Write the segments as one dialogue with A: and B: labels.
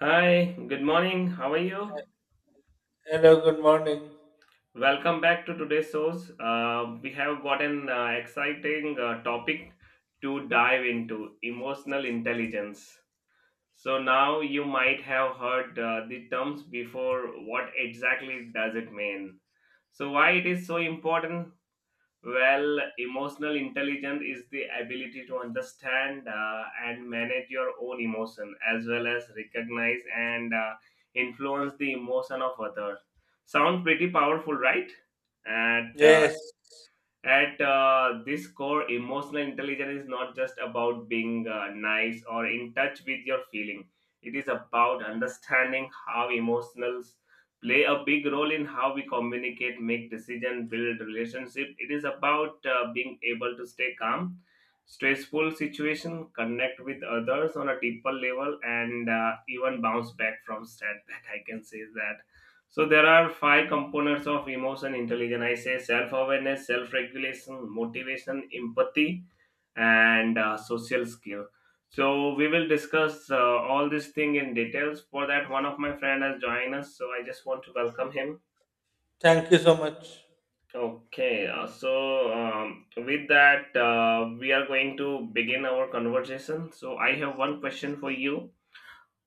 A: Hi, good morning. How are you?
B: Hello, good morning.
A: Welcome back to today's shows. We have got an exciting topic to dive into emotional intelligence. So, now you might have heard the terms before. What exactly does it mean? So, why it is so important? Well, emotional intelligence is the ability to understand and manage your own emotion as well as recognize and influence the emotion of others. Sound pretty powerful, right? And
B: Yes,
A: At this core, emotional intelligence is not just about being nice or in touch with your feeling. It is about understanding how emotions play a big role in how we communicate, make decision, build relationship. It is about being able to stay calm, stressful situation, connect with others on a deeper level, and even bounce back from setback. I can say that, so there are five components of emotion intelligence. I say self-awareness, self-regulation, motivation, empathy, and social skill. So we will discuss all this thing in details. For that, one of my friend has joined us, so I just want to welcome him.
B: thank you so much.
A: Okay, with that, we are going to begin our conversation. So I have one question for you.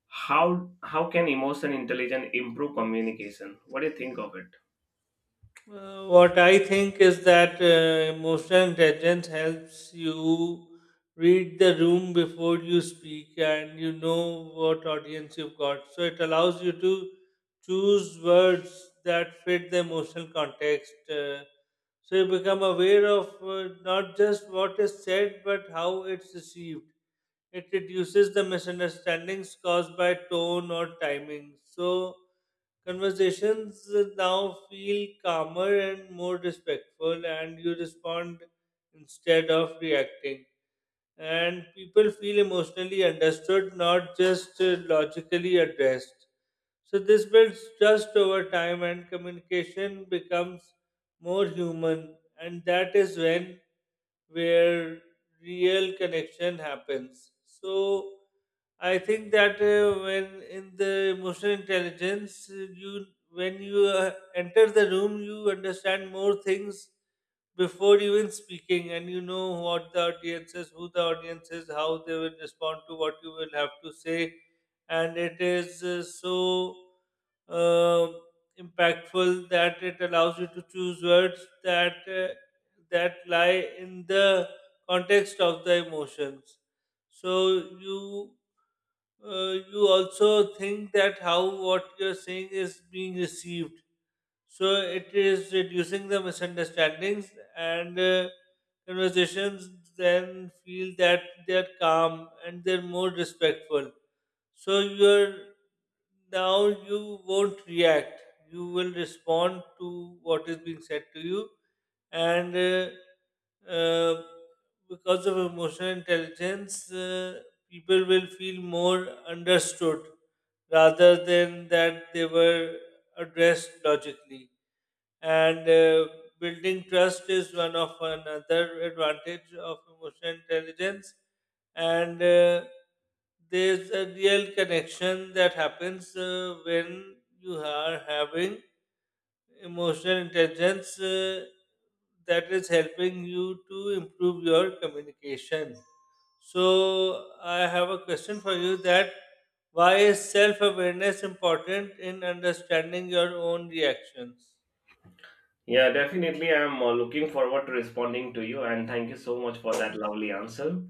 A: How can emotion intelligence improve communication? What do you think of it?
B: What I think is that emotional intelligence helps you read the room before you speak and you know what audience you've got. So it allows you to choose words that fit the emotional context. So you become aware of not just what is said but how it's received. It reduces the misunderstandings caused by tone or timing. So conversations now feel calmer and more respectful, and you respond instead of reacting, and people feel emotionally understood, not just logically addressed. So this builds trust over time, and communication becomes more human, and that is when where real connection happens. So, I think that when in the emotional intelligence, you when you enter the room, you understand more things before even speaking, and you know what the audience is who the audience is, how they will respond to what you will have to say, and it is so uh, impactful that it allows you to choose words that lie in the context of the emotions. So you, you also think that how what you're saying is being received, so it is reducing the misunderstandings, and conversations then feel that they're calm and they're more respectful. So you're now you won't react. You will respond to what is being said to you, and because of emotional intelligence, people will feel more understood rather than that they were addressed logically, and building trust is one of another advantage of emotional intelligence, and there's a real connection that happens when you are having emotional intelligence that is helping you to improve your communication. So I have a question for you: that why is self-awareness important in understanding your own reactions?
A: Yeah, definitely. I'm looking forward to responding to you, and thank you so much for that lovely answer.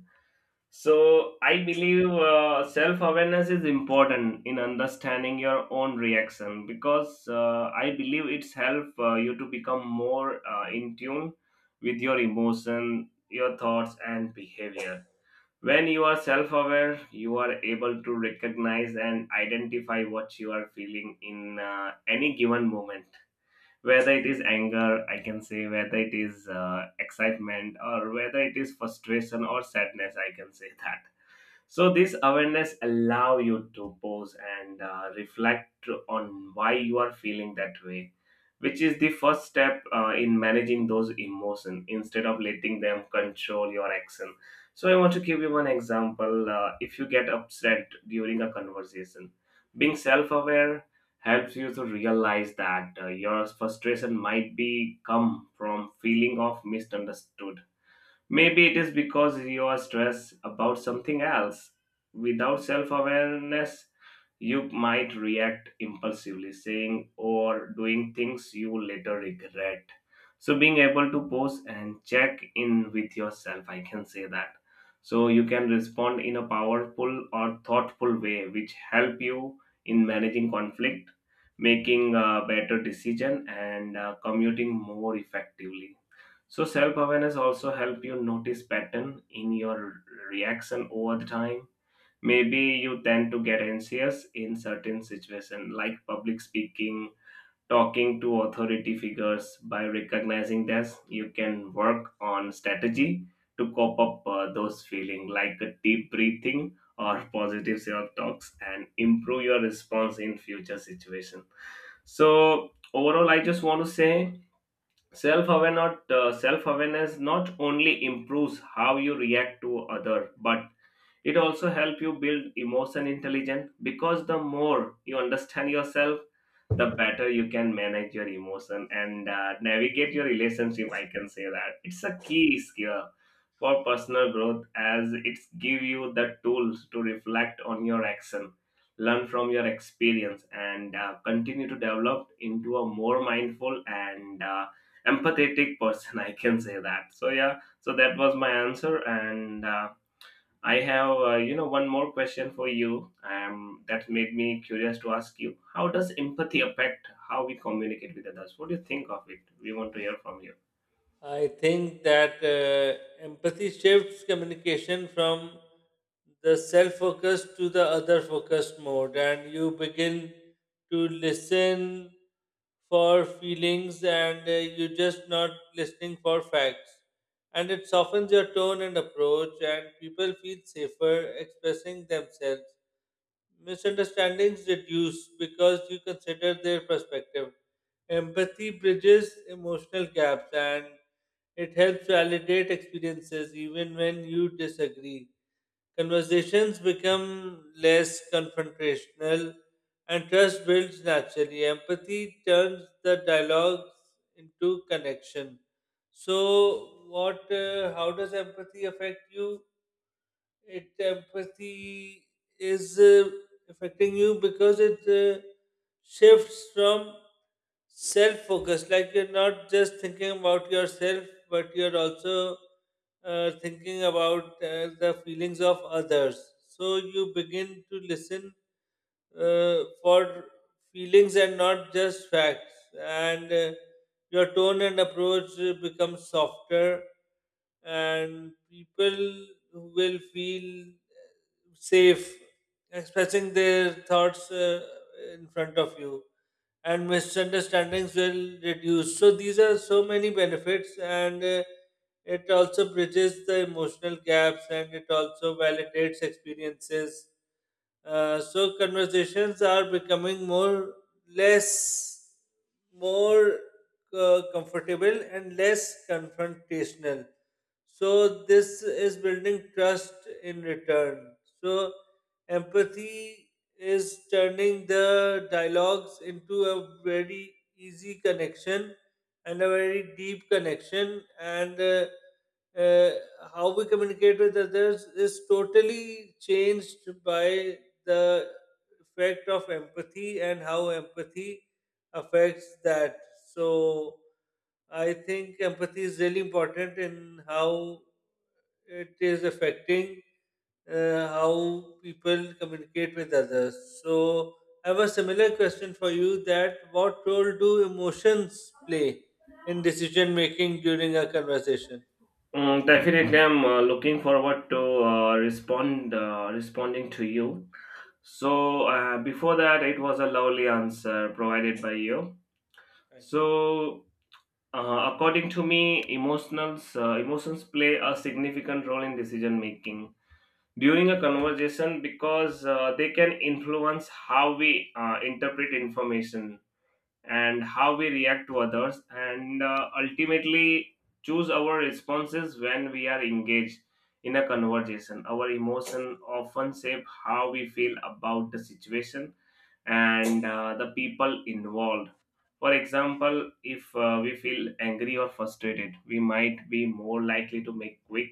A: So, I believe self awareness is important in understanding your own reaction because I believe it's help you to become more in tune with your emotion, your thoughts, and behavior. When you are self aware, you are able to recognize and identify what you are feeling in any given moment, whether it is anger, I can say, whether it is excitement, or whether it is frustration or sadness, I can say that. So this awareness allow you to pause and reflect on why you are feeling that way, which is the first step in managing those emotions instead of letting them control your action. So I want to give you one example. If you get upset during a conversation, being self-aware helps you to realize that your frustration might be come from feeling of misunderstood. Maybe it is because you are stressed about something else. Without self awareness, you might react impulsively, saying or doing things you later regret. So, being able to pause and check in with yourself, I can say that. So, you can respond in a powerful or thoughtful way, which help you in managing conflict, making a better decision, and commuting more effectively. So self-awareness also help you notice pattern in your reaction over the time. Maybe you tend to get anxious in certain situation like public speaking, talking to authority figures. By recognizing this, you can work on strategy to cope up those feelings like a deep breathing or positive self-talks and improve your response in future situation. So overall, I just want to say self-awareness not only improves how you react to other, but it also helps you build emotion intelligence because the more you understand yourself, the better you can manage your emotion and navigate your relationship, I can say that. It's a key skill for personal growth as it give you the tools to reflect on your action, learn from your experience, and continue to develop into a more mindful and empathetic person I can say that. So yeah, so that was my answer. And I have, one more question for you. That made me curious to ask you. How does empathy affect how we communicate with others? What do you think of it? We want to hear from you.
B: I think that empathy shifts communication from the self focused to the other focused mode, and you begin to listen for feelings, and you're just not listening for facts. And it softens your tone and approach, and people feel safer expressing themselves. Misunderstandings reduce because you consider their perspective. Empathy bridges emotional gaps, and it helps validate experiences even when you disagree. Conversations become less confrontational, and trust builds naturally. Empathy turns the dialogues into connection. So, what? How does empathy affect you? It empathy is affecting you because it shifts from self focus, like you're not just thinking about yourself but you're also thinking about the feelings of others, so you begin to listen for feelings and not just facts, and your tone and approach becomes softer, and people will feel safe expressing their thoughts in front of you, and misunderstandings will reduce. So these are so many benefits, and it also bridges the emotional gaps, and it also validates experiences. So conversations are becoming less more comfortable and less confrontational. So this is building trust in return. So empathy is turning the dialogues into a very easy connection and a very deep connection, and uh, how we communicate with others is totally changed by the effect of empathy and how empathy affects that. So I think empathy is really important in how it is affecting how people communicate with others. So I have a similar question for you: that what role do emotions play in decision making during a conversation?
A: Mm, definitely, I'm looking forward to responding to you. So before that, it was a lovely answer provided by you.
B: Thank you.
A: So according to me, emotions play a significant role in decision making during a conversation because they can influence how we interpret information and how we react to others, and ultimately choose our responses when we are engaged in a conversation. Our emotion often shape how we feel about the situation and the people involved. For example, if we feel angry or frustrated, we might be more likely to make quick,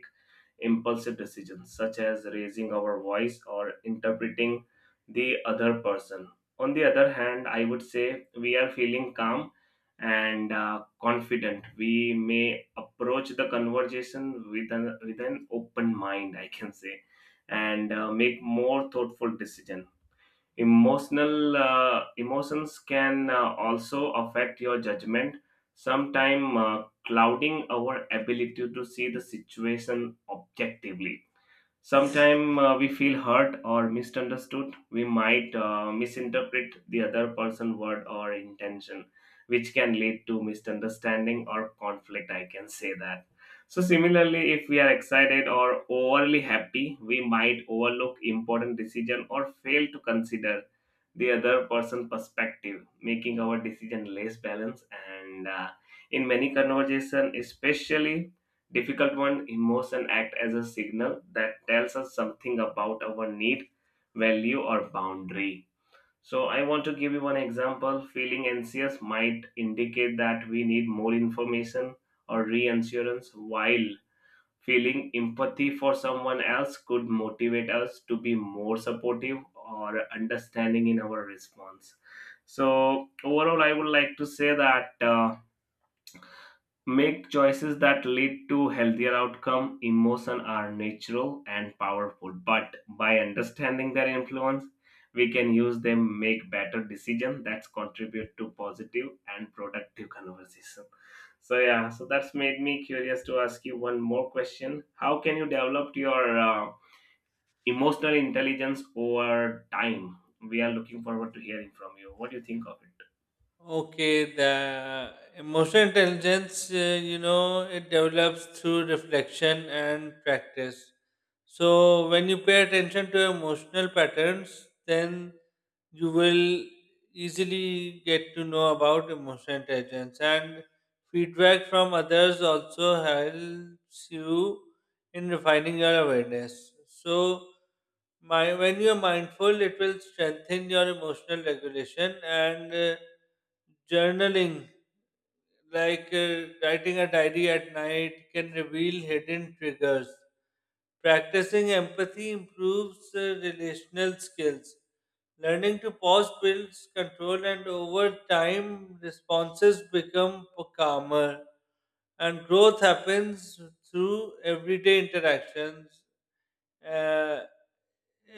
A: impulsive decisions, such as raising our voice or interpreting the other person. On the other hand, I would say we are feeling calm and confident. We may approach the conversation with with an open mind, I can say, and make more thoughtful decision. Emotional Emotions can also affect your judgment, sometimes clouding our ability to see the situation objectively. Sometimes we feel hurt or misunderstood. We might misinterpret the other person's word or intention, which can lead to misunderstanding or conflict. I can say that. So, similarly, if we are excited or overly happy, we might overlook important decision or fail to consider the other person' perspective, making our decision less balanced. And In many conversation, especially difficult one, emotion act as a signal that tells us something about our need, value, or boundary. So, I want to give you one example. Feeling anxious might indicate that we need more information or reassurance, while feeling empathy for someone else could motivate us to be more supportive or understanding in our response. So, overall, I would like to say that. Make choices that lead to healthier outcome. Emotion are natural and powerful, but by understanding their influence, we can use them make better decision that contribute to positive and productive conversation. So yeah, so that's made me curious to ask you one more question. How can you develop your emotional intelligence over time? We are looking forward to hearing from you. What do you think of it?
B: Okay, the emotional intelligence, you know, it develops through reflection and practice. So, when you pay attention to emotional patterns, then you will easily get to know about emotional intelligence. And feedback from others also helps you in refining your awareness. So, my, when you're mindful, it will strengthen your emotional regulation, and journaling, like writing a diary at night, can reveal hidden triggers. Practicing empathy improves relational skills. Learning to pause builds control, and over time, responses become calmer. And growth happens through everyday interactions. Uh,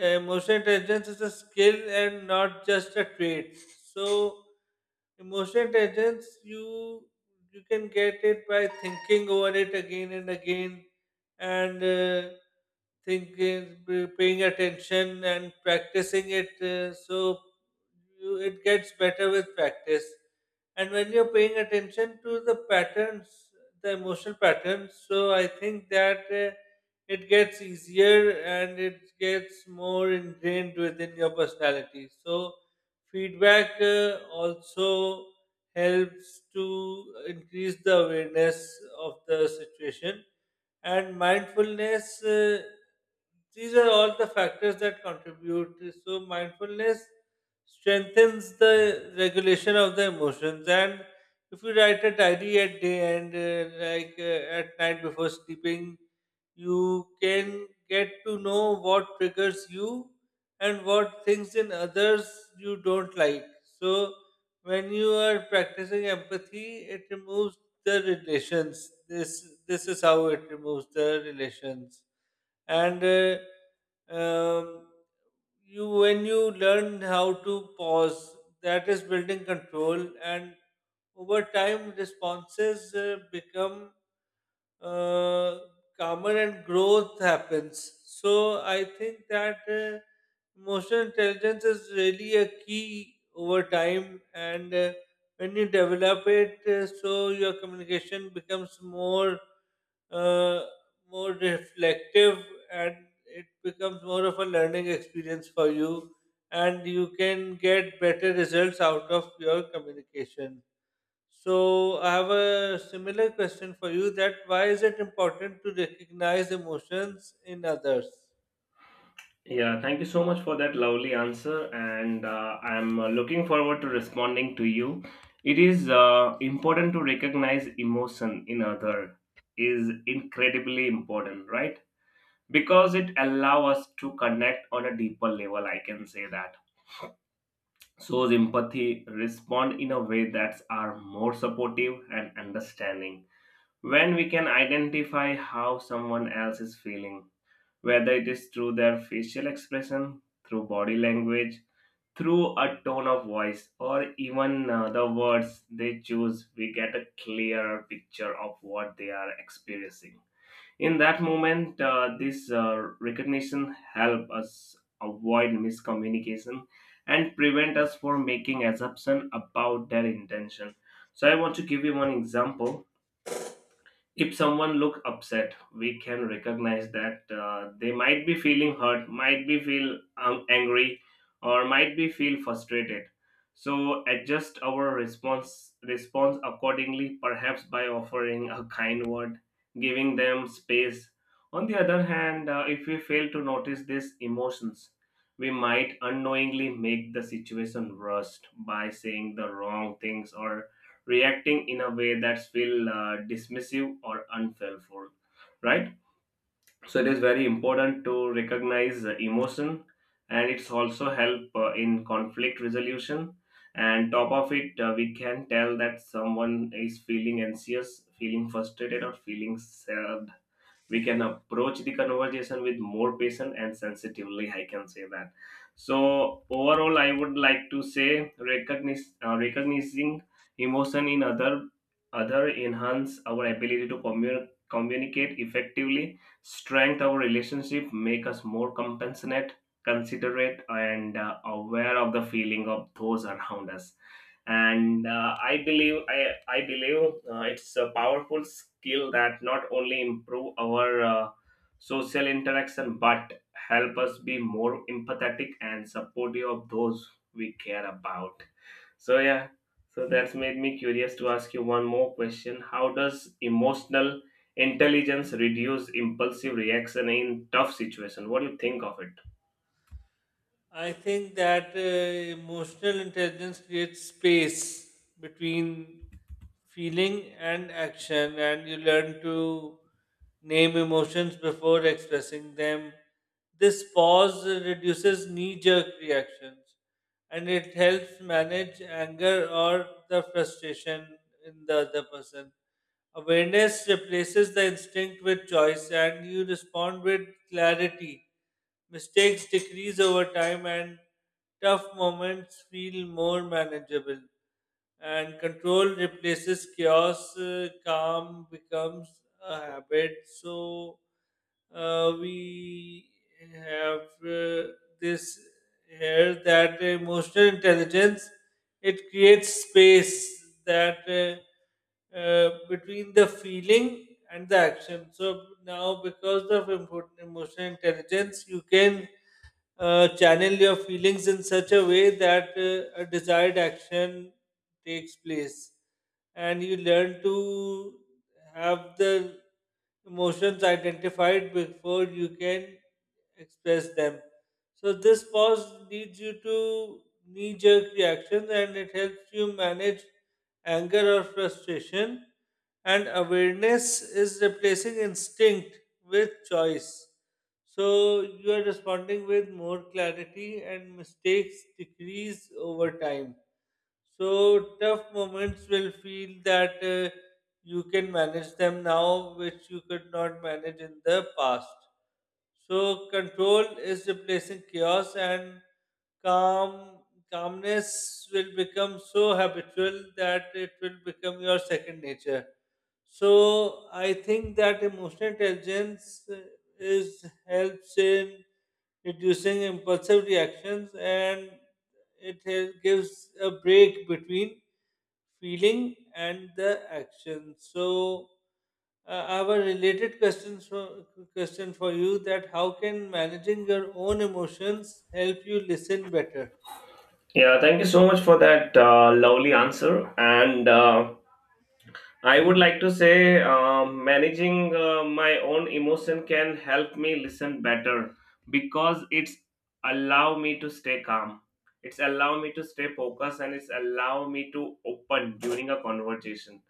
B: Emotional intelligence is a skill and not just a trait. So emotional intelligence, you can get it by thinking over it again and again, and thinking, paying attention and practicing it, so you, it gets better with practice, and when you're paying attention to the patterns, the emotional patterns. So I think that it gets easier and it gets more ingrained within your personality. So, feedback also helps to increase the awareness of the situation, and mindfulness, these are all the factors that contribute. So mindfulness strengthens the regulation of the emotions, and if you write a diary at day end, like at night before sleeping, you can get to know what triggers you and what things in others you don't like. So when you are practicing empathy, it removes the relations, this is how it removes the relations. And um, you, when you learn how to pause, that is building control, and over time responses become uh, calmer and growth happens. So I think that emotional intelligence is really a key over time, and when you develop it, so your communication becomes more, uh, more reflective, and it becomes more of a learning experience for you, and you can get better results out of your communication. So I have a similar question for you: that why is it important to recognize emotions in others?
A: Yeah, thank you so much for that lovely answer, and I'm looking forward to responding to you. It is important to recognize emotion in other, is incredibly important, right? Because it allows us to connect on a deeper level. I can say that shows empathy, respond in a way that's are more supportive and understanding. When we can identify how someone else is feeling, whether it is through their facial expression, through body language, through a tone of voice, or even the words they choose, we get a clearer picture of what they are experiencing in that moment. This recognition help us avoid miscommunication and prevent us from making assumption about their intention. So I want to give you one example. If someone look upset, we can recognize that they might be feeling hurt, might be feel angry, or might be feel frustrated, so adjust our response accordingly, perhaps by offering a kind word, giving them space. On the other hand, if we fail to notice these emotions, we might unknowingly make the situation worse by saying the wrong things or reacting in a way that's feel dismissive or unhelpful, right? So it is very important to recognize the emotion, and it's also help in conflict resolution, and top of it, we can tell that someone is feeling anxious, feeling frustrated, or feeling uh, we can approach the conversation with more patience and sensitively, I can say that. So overall, I would like to say recognizing emotion in other enhance our ability to communicate effectively, strengthen our relationship, make us more compassionate, considerate, and aware of the feeling of those around us. And I believe, I believe it's a powerful skill that not only improve our social interaction but help us be more empathetic and supportive of those we care about. So yeah, so that's made me curious to ask you one more question. How does emotional intelligence reduce impulsive reaction in tough situation? What do you think of it?
B: I think that emotional intelligence creates space between feeling and action, and you learn to name emotions before expressing them. This pause reduces knee jerk reactions, and it helps manage anger or the frustration in the other person. Awareness replaces the instinct with choice, and you respond with clarity. Mistakes decrease over time, and tough moments feel more manageable, and control replaces chaos. Calm becomes a habit. So we have this here that emotional intelligence, it creates space that between the feeling and the action. So now, because of emotional intelligence, you can channel your feelings in such a way that a desired action takes place, and you learn to have the emotions identified before you can express them. So this pause leads you to knee jerk reactions, and it helps you manage anger or frustration, and awareness is replacing instinct with choice. So you are responding with more clarity, and mistakes decrease over time. So tough moments will feel that you can manage them now, which you could not manage in the past. So control is replacing chaos, and calm calmness will become so habitual that it will become your second nature. So I think that emotional intelligence is helps in reducing impulsive reactions, and it gives a break between feeling and the action. So I have a related question for you: that how can managing your own emotions help you listen better?
A: Yeah, thank you so much for that lovely answer, and I would like to say, managing my own emotion can help me listen better because it's allow me to stay calm. It's allow me to stay focused and it's allow me to open during a conversation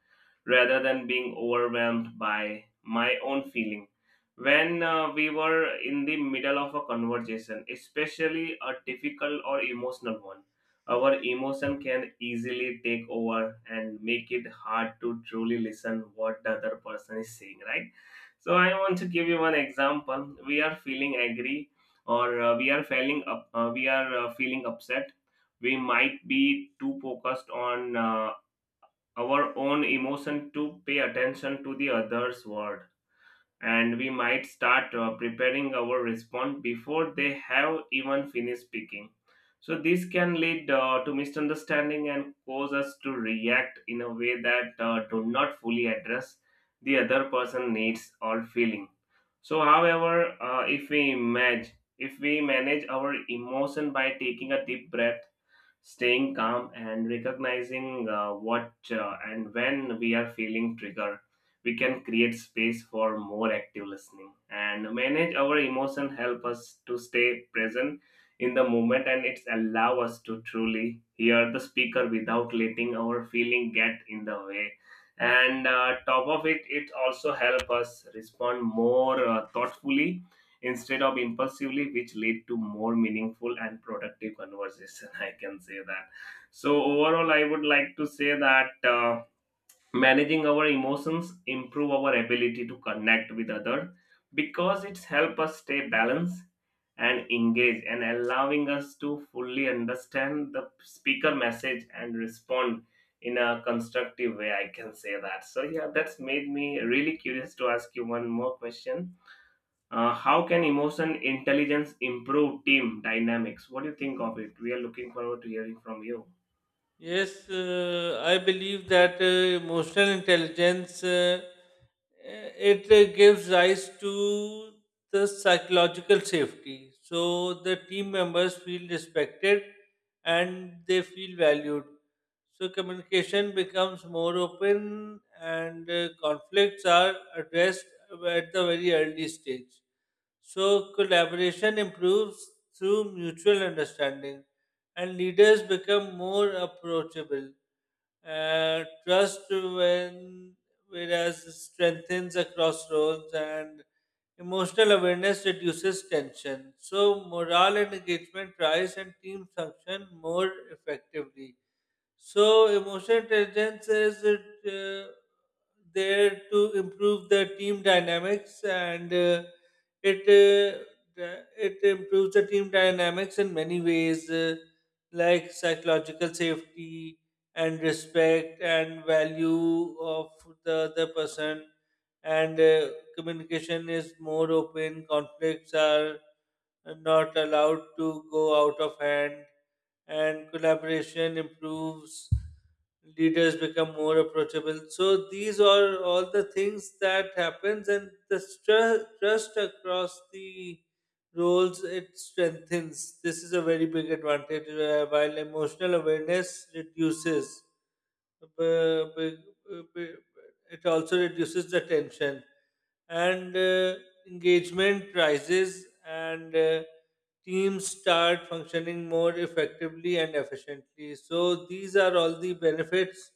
A: rather than being overwhelmed by my own feeling. When we were in the middle of a conversation, especially a difficult or emotional one, our emotion can easily take over and make it hard to truly listen what the other person is saying, right? So I want to give you one example. We are feeling angry, or we are feeling up, we are feeling upset. We might be too focused on our own emotion to pay attention to the other's word, and we might start preparing our response before they have even finished speaking. So, this can lead to misunderstanding and cause us to react in a way that do not fully address the other person needs or feeling. So, however, if we manage our emotion by taking a deep breath, staying calm, and recognizing what and when we are feeling triggered, we can create space for more active listening, and manage our emotion help us to stay present in the moment, and it's allow us to truly hear the speaker without letting our feeling get in the way. And top of it, it also help us respond more thoughtfully instead of impulsively, which lead to more meaningful and productive conversation I can say that. So overall, I would like to say that managing our emotions improve our ability to connect with other because it's help us stay balanced and engage, and allowing us to fully understand the speaker message and respond in a constructive way, I can say that. So yeah, that's made me really curious to ask you one more question. How can emotion intelligence improve team dynamics? What do you think of it? We are looking forward to hearing from you.
B: Yes, I believe that emotional intelligence, it gives rise to the psychological safety. So the team members feel respected and they feel valued. So communication becomes more open, and conflicts are addressed at the very early stage. So collaboration improves through mutual understanding, and leaders become more approachable. Trust, when whereas strengthens across roles, and emotional awareness reduces tension. So morale and engagement rise, and teams function more effectively. So emotional intelligence is there to improve the team dynamics, and it uh, it improves the team dynamics in many ways, like psychological safety and respect and value of the other person, and communication is more open. Conflicts are not allowed to go out of hand, and collaboration improves. Leaders become more approachable. So these are all the things that happens, and the trust across the roles, it strengthens. This is a very big advantage. While emotional awareness reduces, b- b- b- it also reduces the tension, and engagement rises, and teams start functioning more effectively and efficiently. So these are all the benefits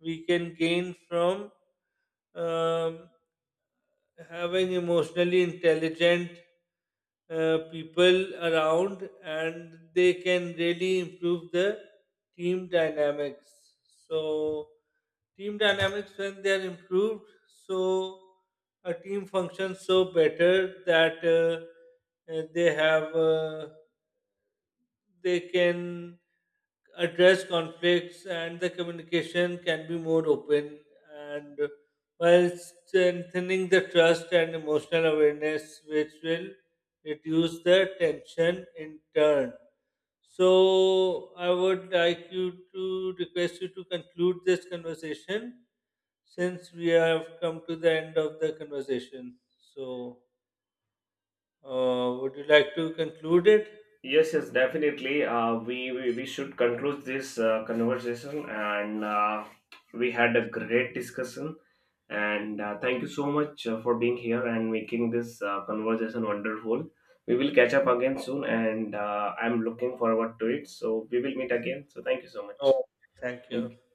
B: we can gain from um, having emotionally intelligent people around, and they can really improve the team dynamics. So, team dynamics, when they are improved, so a team functions so better that they have. They can address conflicts, and the communication can be more open, and while strengthening the trust and emotional awareness, which will reduce the tension in turn. So I would like you to request you to conclude this conversation, since we have come to the end of the conversation. So would you like to conclude it?
A: Yes, yes, definitely. We should conclude this conversation, and we had a great discussion. And thank you so much for being here and making this conversation wonderful. We will catch up again soon, and I'm looking forward to it. So we will meet again. So thank you so much.
B: Oh, thank
A: Thank you.
B: you.